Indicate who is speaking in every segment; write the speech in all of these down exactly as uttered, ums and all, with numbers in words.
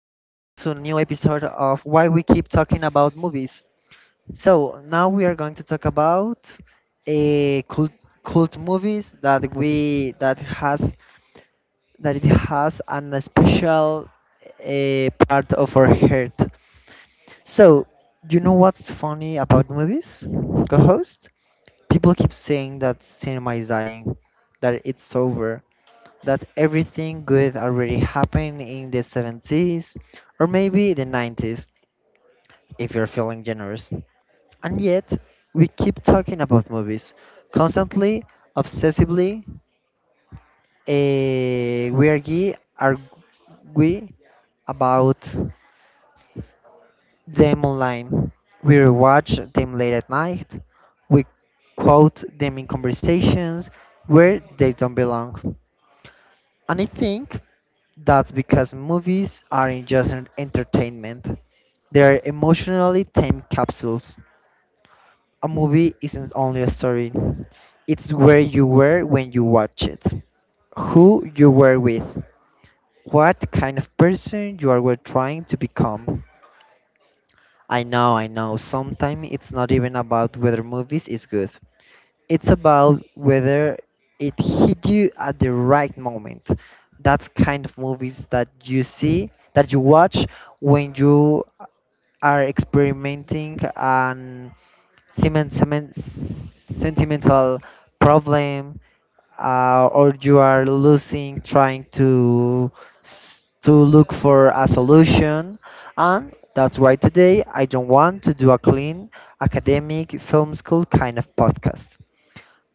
Speaker 1: new episode of Why We Keep Talking About Movies. So, now we are going to talk about a cult, cult movies that we that has that it has an special uh, part of our heart. So, you know what's funny about movies? Co-host, people keep saying that cinema is dying, that it's over, that everything good already happened in the seventies or maybe the nineties if you're feeling generous. And yet, we keep talking about movies constantly, obsessively. eh, we are ge- are we about them online. We watch them late at night. We quote them in conversations where they don't belong. And I think that's because movies aren't just an entertainment. They're emotionally time capsules. A movie isn't only a story. It's where you were when you watch it, who you were with, what kind of person you are were trying to become. I know, I know, sometimes it's not even about whether movies is good. It's about whether it hit you at the right moment. That's kind of movies that you see, that you watch when you are experimenting an semen, semen, sentimental problem, uh, or you are losing trying to s- to look for a solution. And that's why today I don't want to do a clean academic film school kind of podcast.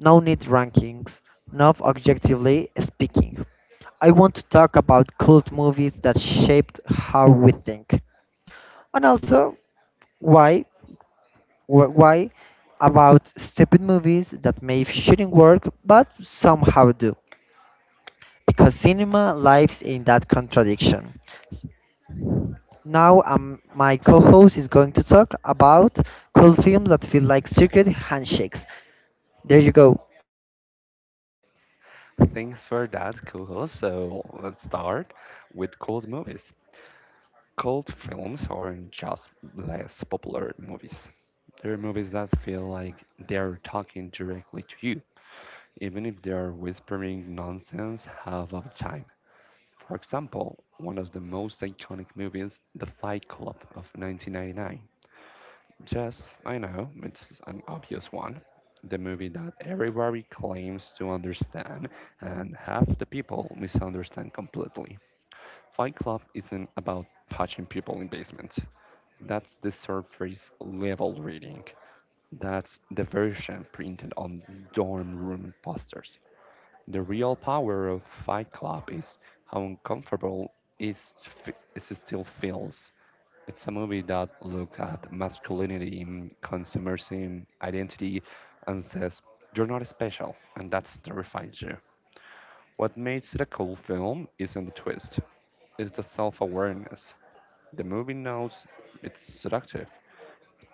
Speaker 1: No need rankings, not objectively speaking. I want to talk about cult movies that shaped how we think. And also, why, wh- why about stupid movies that may shouldn't work but somehow do. Because cinema lives in that contradiction. S- Now um, my co-host is going to talk about cult films that feel like secret handshakes. There you go.
Speaker 2: Thanks for that, Kuho. So let's start with cult movies. Cult films aren't just less popular movies. They're movies that feel like they're talking directly to you, even if they're whispering nonsense half of the time. For example, one of the most iconic movies, The Fight Club of nineteen ninety-nine, just, I know, it's an obvious one. The movie that everybody claims to understand, and half the people misunderstand completely. Fight Club isn't about punching people in basements. That's the surface level reading. That's the version printed on dorm room posters. The real power of Fight Club is how uncomfortable it, f- it still feels. It's a movie that looks at masculinity, consumerism, identity, and says, "You're not special, and that's terrifies you." What makes it a cool film isn't the twist, it's the self awareness. The movie knows it's seductive,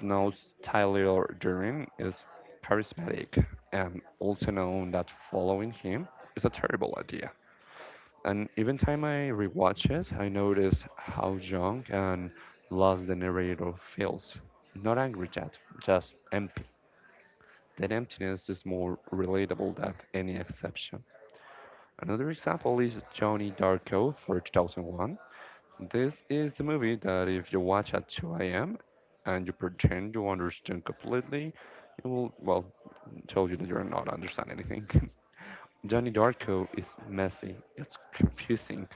Speaker 2: knows Tyler Durden is charismatic and also known that following him is a terrible idea. And even time I rewatch it, I notice how young and lost the narrator feels. Not angry yet, just empty. That emptiness is more relatable than any exception. Another example is Johnny Darko for two thousand one. This is the movie that if you watch at two a m and you pretend you understand completely, it will, well, tell you that you're not understand anything. Johnny Darko is messy, it's confusing,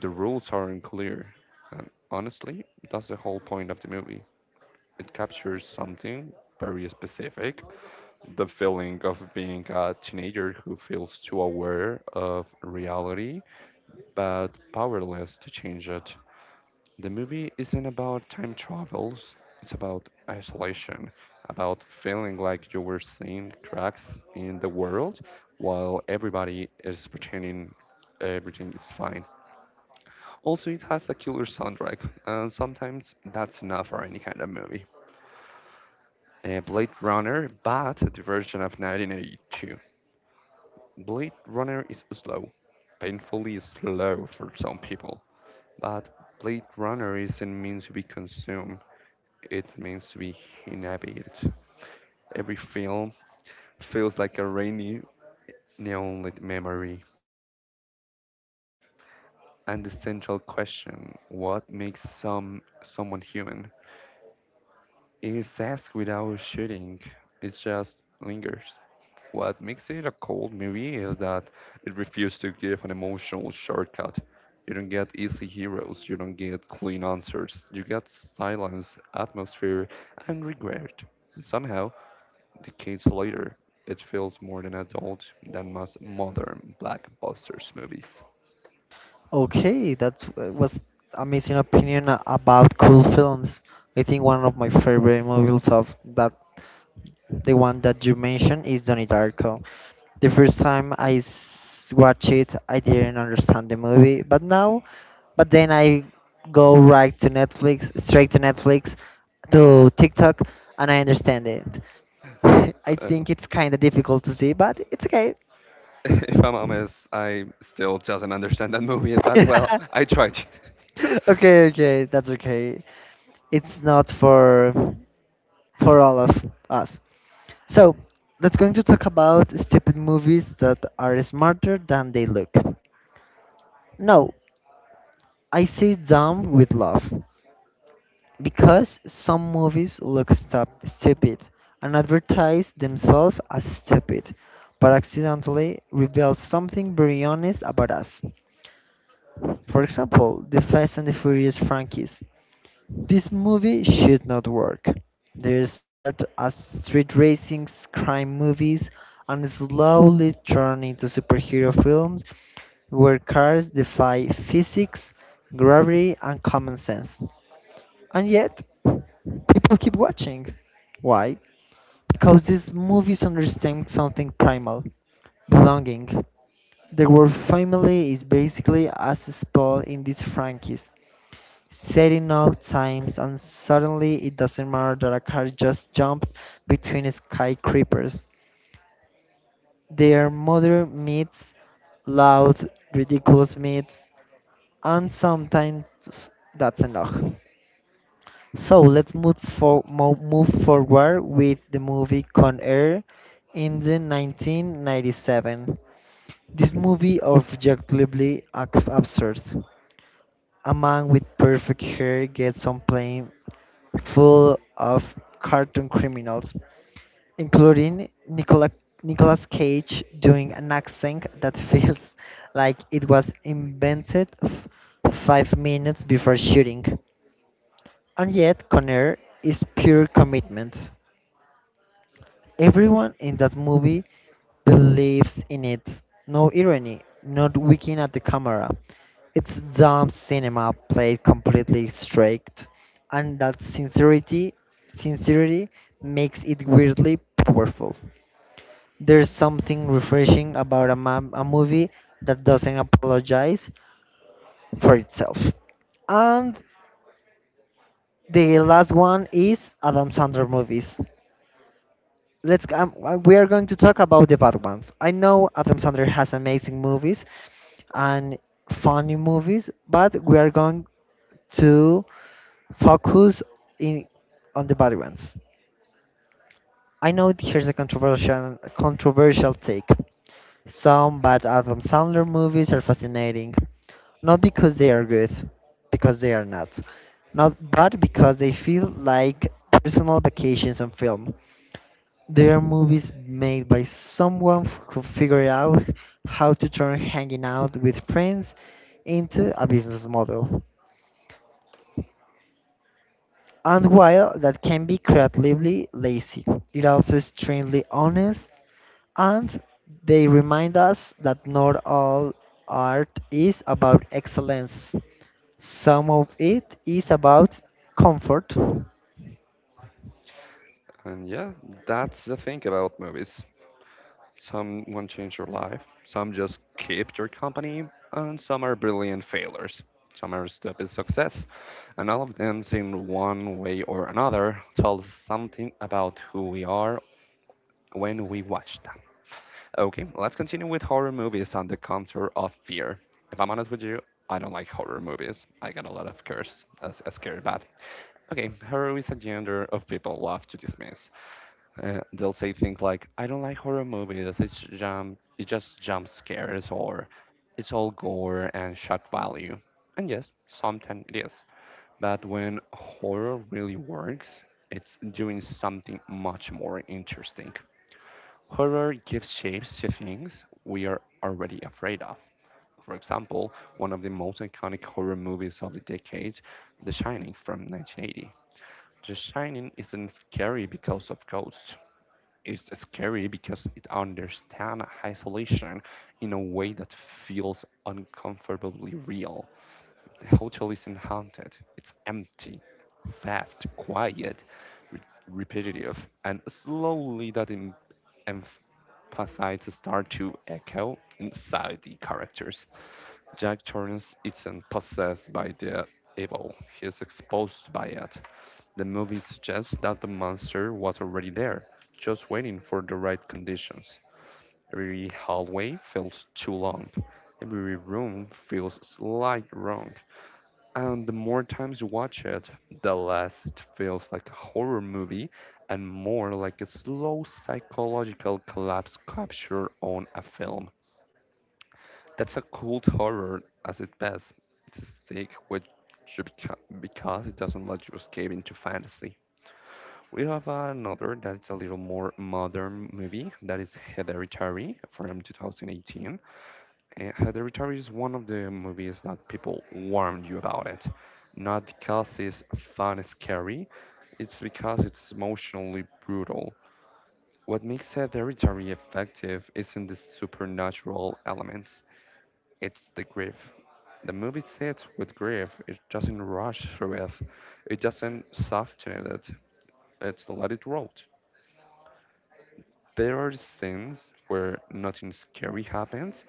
Speaker 2: the rules aren't clear, and honestly, that's the whole point of the movie. It captures something very specific, the feeling of being a teenager who feels too aware of reality but powerless to change it. The movie isn't about time travels, it's about isolation, about feeling like you were seeing cracks in the world while everybody is pretending everything is fine. Also, it has a killer soundtrack, and sometimes that's enough for any kind of movie. Uh, Blade Runner, but the version of nineteen eighty-two. Blade Runner is slow, painfully slow for some people, but Blade Runner isn't meant to be consumed. It means to be inhabited. Every film feels like a rainy, neon lit memory. And the central question, what makes some someone human, is asked without shooting, it just lingers. What makes it a cold movie is that it refuses to give an emotional shortcut. You don't get easy heroes, you don't get clean answers, you get silence, atmosphere, and regret. And somehow, decades later, it feels more than adult than most modern blockbusters movies.
Speaker 1: Okay, that was amazing opinion a- about cool films. I think one of my favorite movies of that the one that you mentioned is Donnie Darko. The first time I s- watched it, I didn't understand the movie, but now, but then I go right to Netflix, straight to Netflix, to TikTok, and I understand it. I
Speaker 2: Uh,
Speaker 1: think it's kind of difficult to see, but it's okay.
Speaker 2: if I'm honest, I still doesn't understand that movie, but well, I tried it.
Speaker 1: Okay, okay, that's okay. It's not for for all of us. So let's going to talk about stupid movies that are smarter than they look. No, I say dumb with love because some movies look stup- stupid and advertise themselves as stupid, but accidentally reveal something very honest about us. For example, the Fast and the Furious franchise. This movie should not work. They start as street racing crime movies and slowly turn into superhero films where cars defy physics, gravity, and common sense. And yet, people keep watching. Why? Because these movies understand something primal belonging. The word family is basically as spelled in these franchise. Setting out times and suddenly it doesn't matter that a car just jumped between skyscrapers. Their mother meets loud, ridiculous meets, and sometimes that's enough. So let's move for mo- move forward with the movie Con Air in the nineteen ninety-seven. This movie objectively ab- absurd. A man with perfect hair gets on plane full of cartoon criminals, including Nicola, Nicolas Cage doing an accent that feels like it was invented f- five minutes before shooting. And yet, Conner is pure commitment. Everyone in that movie believes in it. No irony, not winking at the camera. It's dumb cinema played completely straight, and that sincerity, sincerity makes it weirdly powerful. There's something refreshing about a, ma- a movie that doesn't apologize for itself. And the last one is Adam Sandler movies. let's g- um, uh, we are going to talk about the bad ones. I know Adam Sandler has amazing movies and funny movies, but we are going to focus in on the bad ones. I know here's a controversial controversial take. Some bad Adam Sandler movies are fascinating, not because they are good, because they are not. Not but because they feel like personal vacations on film. They are movies made by someone f- who figured out how to turn hanging out with friends into a business model. And while that can be creatively lazy, it also is extremely honest and they remind us that not all art is about excellence. Some of it is about comfort.
Speaker 2: And yeah, that's the thing about movies. Some won't change your life, some just keep your company, and some are brilliant failures. Some are stupid success, and all of them, in one way or another, tell something about who we are when we watch them. Okay, let's continue with horror movies on the contour of fear. If I'm honest with you, I don't like horror movies. I got a lot of curse, uh, s- uh, scared bad. Okay, horror is a genre of people love to dismiss. Uh, they'll say things like, "I don't like horror movies. It's jump, it just jump scares, or it's all gore and shock value." And yes, sometimes it is. But when horror really works, it's doing something much more interesting. Horror gives shapes to things we are already afraid of. For example, one of the most iconic horror movies of the decade, The Shining from nineteen eighty. The Shining isn't scary because of ghosts. It's scary because it understands isolation in a way that feels uncomfortably real. The hotel isn't haunted. It's empty, fast, quiet, re- repetitive, and slowly that em- empathy to start to echo inside the characters. Jack Torrance isn't possessed by the evil, he is exposed by it. The movie suggests that the monster was already there, just waiting for the right conditions. Every hallway feels too long. Every room feels slightly wrong. And the more times you watch it, the less it feels like a horror movie and more like a slow psychological collapse capture on a film. That's a cold horror as it best to stick with you beca- because it doesn't let you escape into fantasy. We have another that is a little more modern movie that is Hereditary from twenty eighteen. Eh, Uh, Hereditary is one of the movies that people warn you about it. Not because it's fun and scary, it's because it's emotionally brutal. What makes Hereditary effective isn't the supernatural elements, it's the grief. The movie sits with grief, it doesn't rush through it, it doesn't soften it, it's let it roll. There are scenes where nothing scary happens,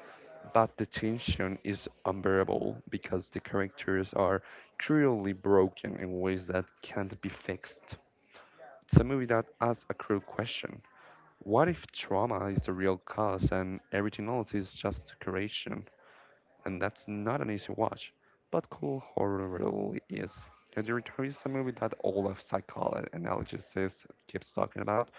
Speaker 2: but the tension is unbearable because the characters are cruelly broken in ways that can't be fixed. It's a movie that asks a cruel question. What if trauma is the real cause and everything else is just decoration? And that's not an easy watch, but cool horror really is. And The Return is a movie that all of psychology analysis keeps talking about,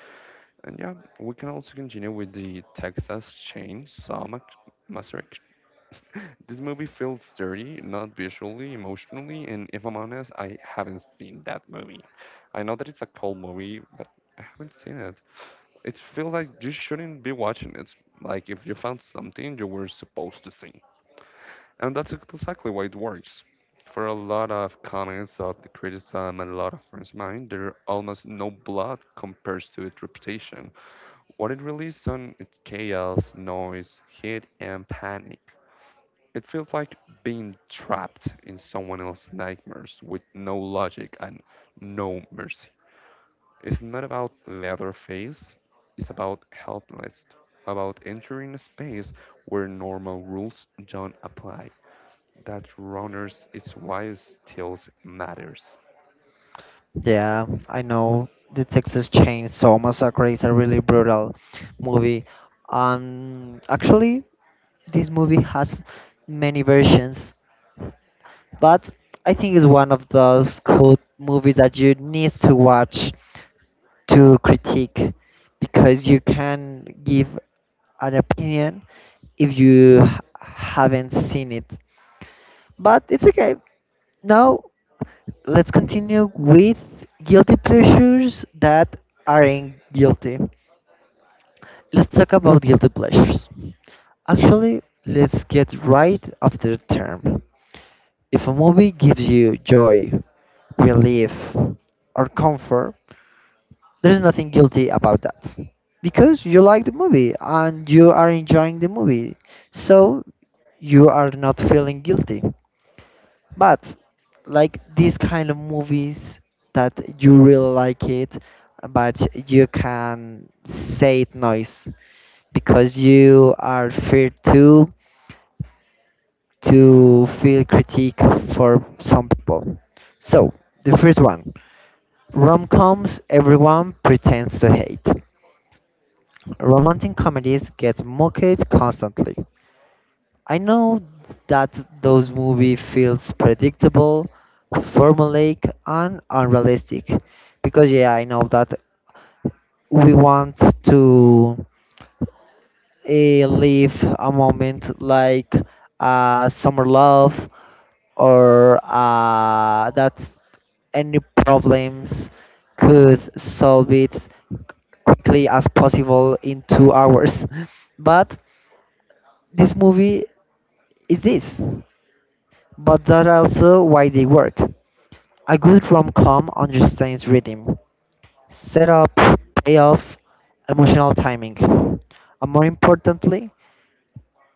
Speaker 2: and yeah, we can also continue with the Texas Chainsaw Mac- Massacre. This movie feels dirty, not visually, emotionally, and if I'm honest, I haven't seen that movie. I know that it's a cold movie, but I haven't seen it. It feels like you shouldn't be watching it. Like if you found something you were supposed to see. And that's exactly why it works. For a lot of comments of the criticism and a lot of friends of mine, there almost no blood compares to its reputation. What it released on is chaos, noise, hate and panic. It feels like being trapped in someone else's nightmares with no logic and no mercy. It's not about Leatherface, it's about helpless, about entering a space where normal rules don't apply. That runners is why it still matters.
Speaker 1: Yeah, I know the Texas Chainsaw Massacre is a really brutal movie. Um, actually, this movie has many versions, but I think it's one of those cool movies that you need to watch to critique because you can give an opinion if you h- haven't seen it. But it's okay. Now let's continue with guilty pleasures that aren't guilty. Let's talk about guilty pleasures. Actually, let's get right after the term. If a movie gives you joy, relief, or comfort, there's nothing guilty about that. Because you like the movie and you are enjoying the movie. So you are not feeling guilty. But like these kind of movies that you really like it, but you can say it noise because you are feared to to feel critique for some people. So the first one, rom-coms everyone pretends to hate. Romantic comedies get mocked constantly. I know that those movie feels predictable, formulaic, and unrealistic, because yeah, I know that we want to uh, live a moment like uh, summer love or uh, that any problems could solve it quickly as possible in two hours. But this movie is this. But that's also why they work. A good rom-com understands rhythm, setup, payoff, emotional timing. And more importantly,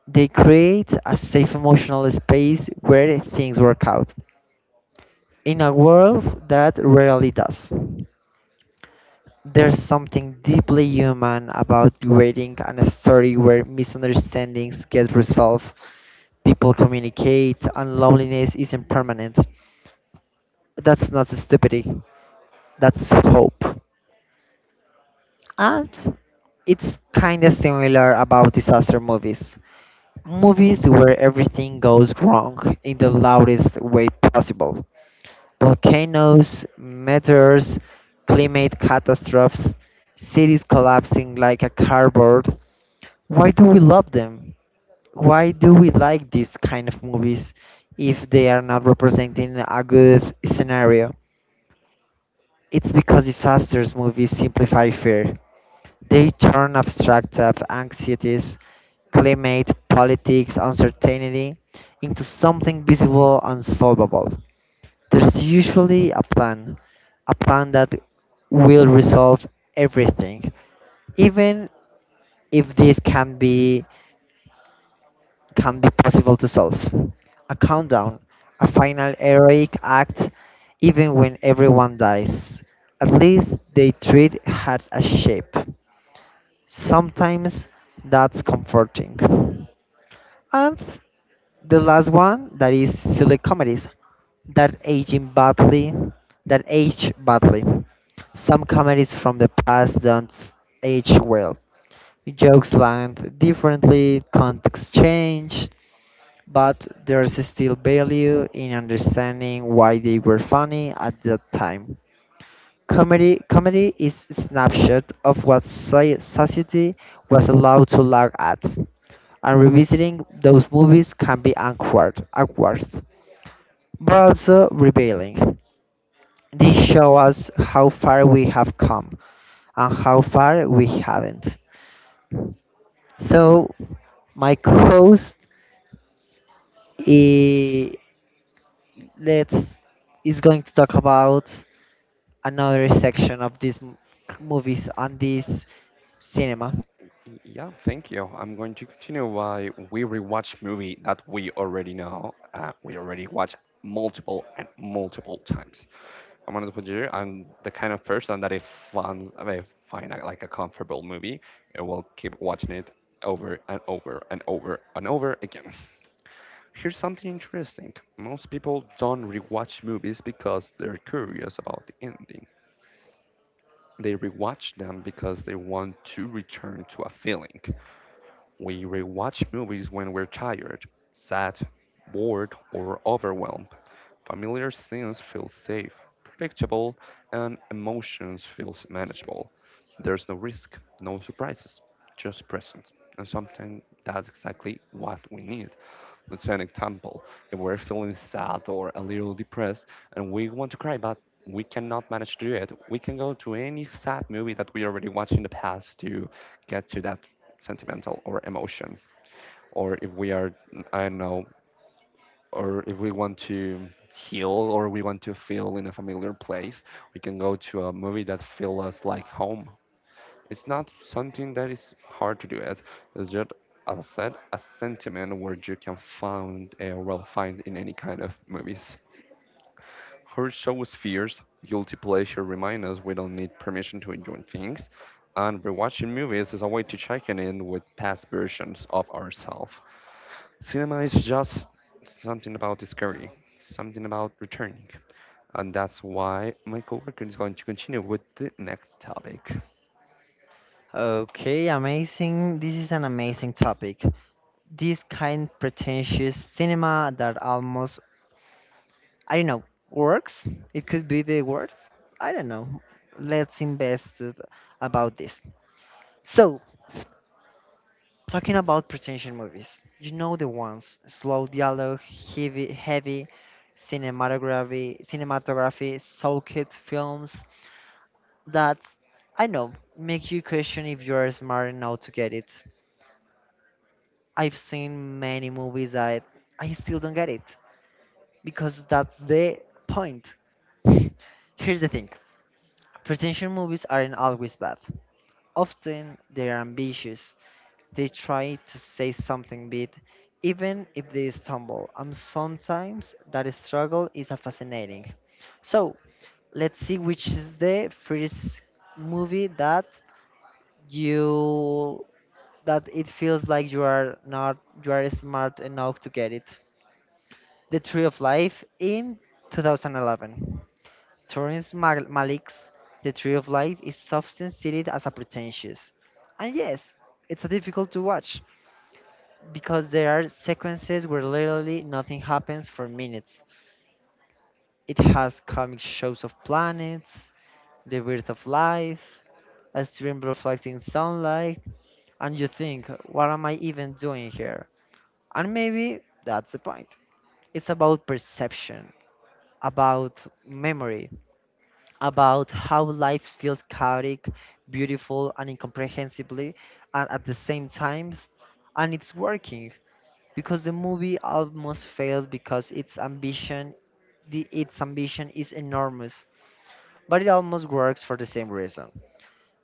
Speaker 1: they create a safe emotional space where things work out. In a world that rarely does. There's something deeply human about creating a story where misunderstandings get resolved, people communicate, and loneliness isn't permanent. That's not stupidity. That's hope. And it's kind of similar about disaster movies. Movies where everything goes wrong in the loudest way possible. Volcanoes, meteors, climate catastrophes, cities collapsing like a cardboard. Why do we love them? Why do we like these kind of movies if they are not representing a good scenario? It's because disasters movies simplify fear. They turn abstract of anxieties, climate, politics, uncertainty into something visible and solvable. There's usually a plan, a plan that will resolve everything, even if this can be can be possible to solve. A countdown, a final heroic act, even when everyone dies. At least they treat had a shape. Sometimes that's comforting. And the last one that is silly comedies that age badly, that age badly. Some comedies from the past don't age well. Jokes land differently, context change, but there's still value in understanding why they were funny at that time. Comedy, comedy is a snapshot of what soci- society was allowed to laugh at, and revisiting those movies can be awkward, awkward, but also revealing. They show us how far we have come and how far we haven't. So, my co-host let's is going to talk about another section of these m- movies and this cinema.
Speaker 2: Yeah, thank you. I'm going to continue why we rewatch movie that we already know. Uh, we already watch multiple and multiple times. I'm one of the you, I'm the kind of person that if finds if find a, like a comfortable movie, I will keep watching it over and over and over and over again. Here's something interesting. Most people don't rewatch movies because they're curious about the ending. They rewatch them because they want to return to a feeling. We rewatch movies when we're tired, sad, bored, or overwhelmed. Familiar scenes feel safe, predictable, and emotions feel manageable. There's no risk, no surprises, just presence. And sometimes that's exactly what we need. Let's say an example. If we're feeling sad or a little depressed and we want to cry, but we cannot manage to do it, we can go to any sad movie that we already watched in the past to get to that sentimental or emotion. Or if we are, I don't know, or if we want to heal or we want to feel in a familiar place, we can go to a movie that feels us like home. It's not something that is hard to do it. It's just, as I said, a sentiment where you can find, uh, well, find in any kind of movies. Her shows fears, guilty pleasure remind us we don't need permission to enjoy things, and rewatching movies is a way to check in with past versions of ourselves. Cinema is just something about discovery, something about returning, and that's why my coworker is going to continue with the next topic.
Speaker 1: Okay, amazing. This is an amazing topic. This kind pretentious cinema that almost, I don't know, works. It could be the word. I don't know. Let's invest it about this. So, talking about pretension movies, you know the ones: slow dialogue, heavy, heavy cinematography, cinematography, soaked films that I know make you question if you are smart enough to get it. I've seen many movies that I still don't get it because that's the point. Here's the thing: pretension movies aren't always bad. Often they're ambitious. They try to say something big, even if they stumble, and sometimes that struggle is a fascinating. So let's see which is the first movie that you that it feels like you are not you are smart enough to get it. The Tree of Life in twenty eleven. Terrence Mal- Malick's The Tree of Life is often cited as a pretentious, and yes, it's a difficult to watch, because there are sequences where literally nothing happens for minutes. It has comic shows of planets, the birth of life, a stream reflecting sunlight, and you think, what am I even doing here? And maybe that's the point. It's about perception, about memory, about how life feels chaotic, beautiful, and incomprehensibly, and at the same time, and it's working because the movie almost fails because its ambition the, its ambition is enormous, but it almost works for the same reason.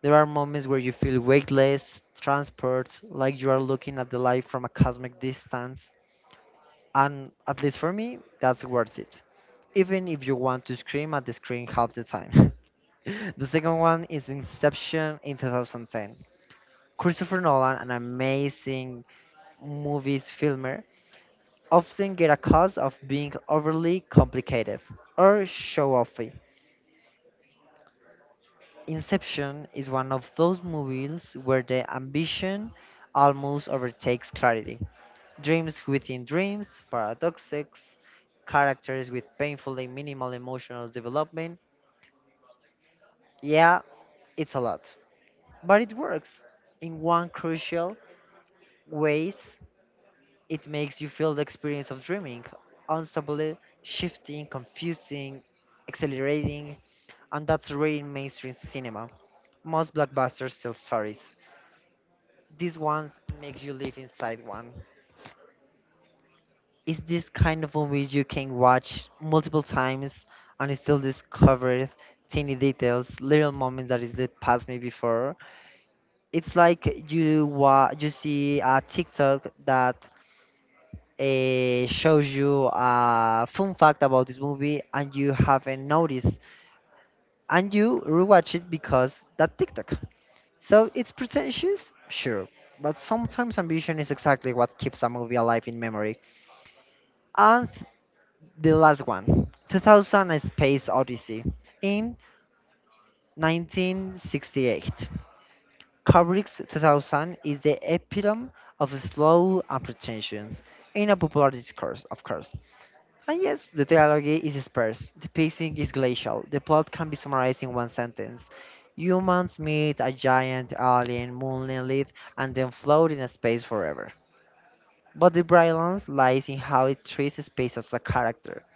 Speaker 1: There are moments where you feel weightless transport, like you are looking at the light from a cosmic distance, and at least for me that's worth it, even if you want to scream at the screen half the time. The second one is Inception in two thousand ten. Christopher Nolan, an amazing movies filmer, often get accused of being overly complicated or show offy. Inception is one of those movies where the ambition almost overtakes clarity. Dreams within dreams, paradoxes, characters with painfully minimal emotional development. Yeah, it's a lot. But it works. In one crucial ways, it makes you feel the experience of dreaming, unstably, shifting, confusing, accelerating, and that's rare in mainstream cinema. Most blockbusters tell stories. This one makes you live inside one. It's this kind of movies you can watch multiple times and still discover tiny details, little moments that is that passed me before. It's like you wa- you see a TikTok that uh, shows you a fun fact about this movie and you haven't noticed, and you rewatch it because that TikTok. So it's pretentious, sure, but sometimes ambition is exactly what keeps a movie alive in memory. And the last one, two thousand A Space Odyssey in nineteen sixty-eight. Kubrick's two thousand is the epitome of slow and pretensions in a popular discourse, of course. And yes, the dialogue is sparse, the pacing is glacial, the plot can be summarized in one sentence. Humans meet a giant alien monolith and then float in space forever. But the brilliance lies in how it treats space as a character.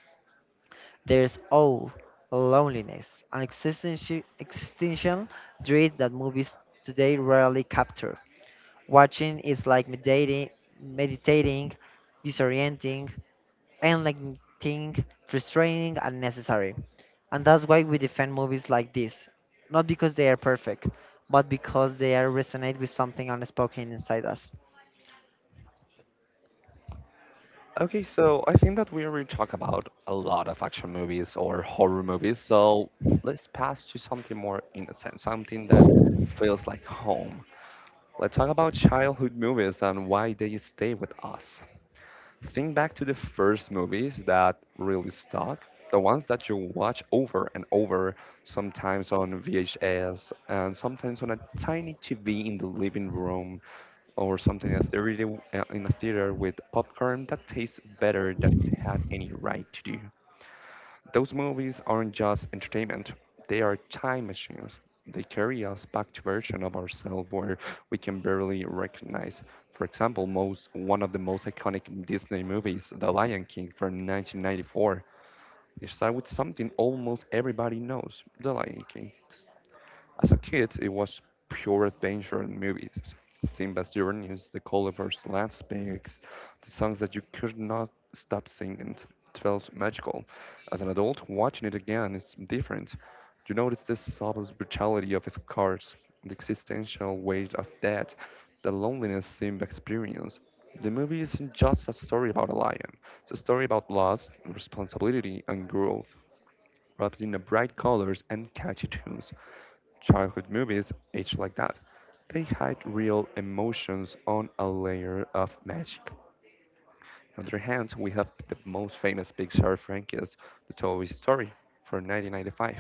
Speaker 1: There's awe, loneliness, and existential, existential dread that movies today rarely capture. Watching is like meditating, meditating disorienting, enlightening, frustrating, and necessary. And that's why we defend movies like this. Not because they are perfect, but because they are resonate with something unspoken inside us.
Speaker 2: Okay, so I think that we already talked about a lot of action movies or horror movies, so let's pass to something more innocent, something that feels like home. Let's talk about childhood movies and why they stay with us. Think back to the first movies that really stuck, the ones that you watch over and over, sometimes on V H S and sometimes on a tiny T V in the living room or something in a theater, uh, in a theater with popcorn that tastes better than it had any right to do. Those movies aren't just entertainment, they are time machines. They carry us back to versions of ourselves where we can barely recognize. For example, most one of the most iconic Disney movies, The Lion King from nineteen ninety-four, it starts with something almost everybody knows, The Lion King. As a kid, it was pure adventure in movies. Simba's journeys, the colorful landscapes, the songs that you could not stop singing. It felt magical. As an adult, watching it again is different. You notice the subtle brutality of its cars, the existential weight of death, the loneliness Simba experienced. The movie isn't just a story about a lion. It's a story about loss, responsibility, and growth, wrapped in the bright colors and catchy tunes. Childhood movies age like that. They hide real emotions on a layer of magic. On the other hand, we have the most famous Pixar franchise, the Toy Story, for nineteen ninety-five.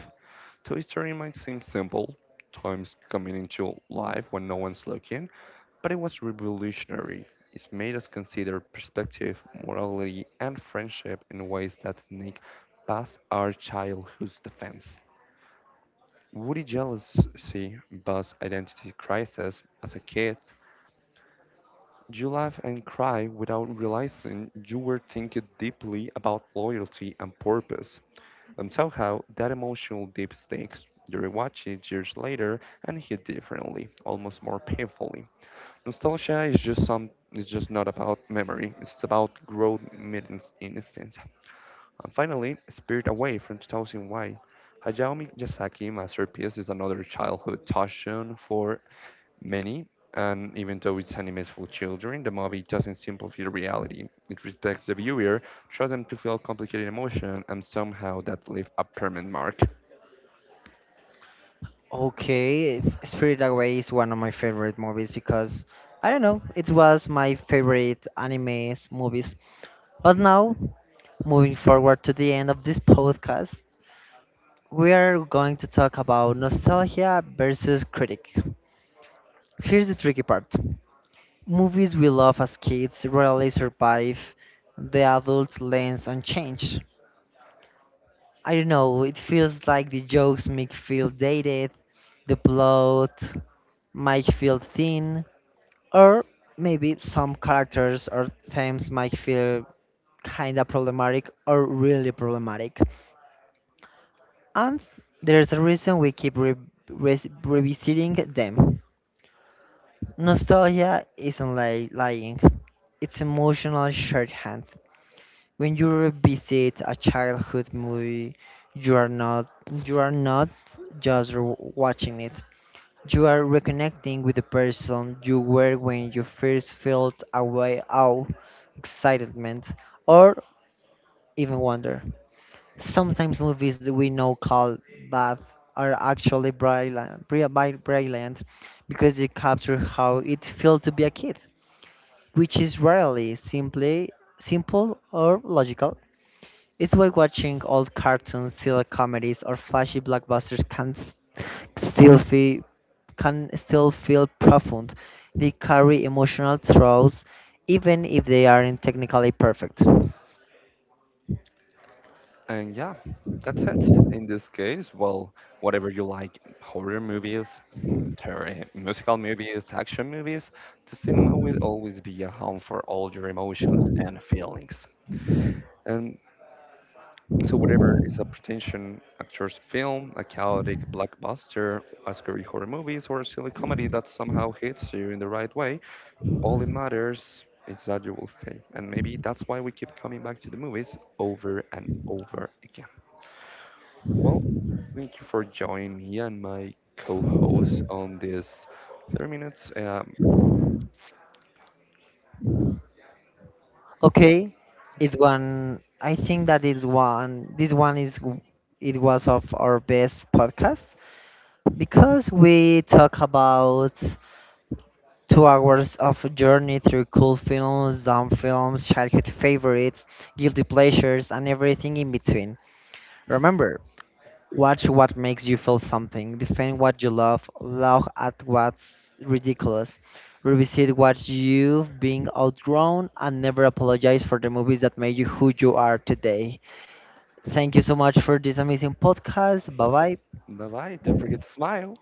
Speaker 2: Toy Story might seem simple, toys coming into life when no one's looking, but it was revolutionary. It made us consider perspective, morality, and friendship in ways that sneak past our childhood's defense. Woody jealousy, buzz identity crisis as a kid? You laugh and cry without realizing you were thinking deeply about loyalty and purpose? And somehow that emotional deep stakes. You rewatch it years later and hit differently, almost more painfully. Nostalgia is just some is just not about memory. It's about growth meeting instance. And finally, Spirit Away from two thousand one. Hayao Miyazaki masterpiece is another childhood touchstone for many, and even though it's animated for children, the movie doesn't simplify the reality. It respects the viewer, tries them to feel complicated emotion, and somehow that leaves a permanent mark.
Speaker 1: Okay, if Spirited Away is one of my favorite movies because I don't know, it was my favorite anime movies. But now, moving forward to the end of this podcast, we are going to talk about nostalgia versus critic. Here's the tricky part. Movies we love as kids rarely survive the adult lens unchanged. I don't know, it feels like the jokes make feel dated, the plot might feel thin, or maybe some characters or themes might feel kinda problematic or really problematic. And there's a reason we keep re- res- revisiting them. Nostalgia isn't li- lying, it's emotional shorthand. When you revisit a childhood movie, you are not you are not just r- watching it. You are reconnecting with the person you were when you first felt a way of excitement, or even wonder. Sometimes movies that we know called bad are actually brilliant, bri- bi- brilliant because they capture how it felt to be a kid, which is rarely simply simple or logical. It's why watching old cartoons, silly comedies, or flashy blockbusters can s- still feel can still feel profound. They carry emotional throes, even if they aren't technically perfect.
Speaker 2: And yeah, that's it. In this case, well, whatever you like, horror movies, m- terror, musical movies, action movies, the cinema will always be a home for all your emotions and feelings. And so whatever is a pretension actor's film, a chaotic blockbuster, a scary horror movies, or a silly comedy that somehow hits you in the right way, all it matters is that you will stay. And maybe that's why we keep coming back to the movies over and over again. Well, thank you for joining me and my co host on this thirty minutes. Um,
Speaker 1: Okay, it's one. I think that is one. This one is w- it was of our best podcast because we talk about Two hours of journey through cool films, dumb films, childhood favorites, guilty pleasures, and everything in between. Remember, watch what makes you feel something, defend what you love, laugh at what's ridiculous, revisit what you've been outgrown, and never apologize for the movies that made you who you are today. Thank you so much for this amazing podcast. Bye bye.
Speaker 2: bye bye. Don't forget to smile.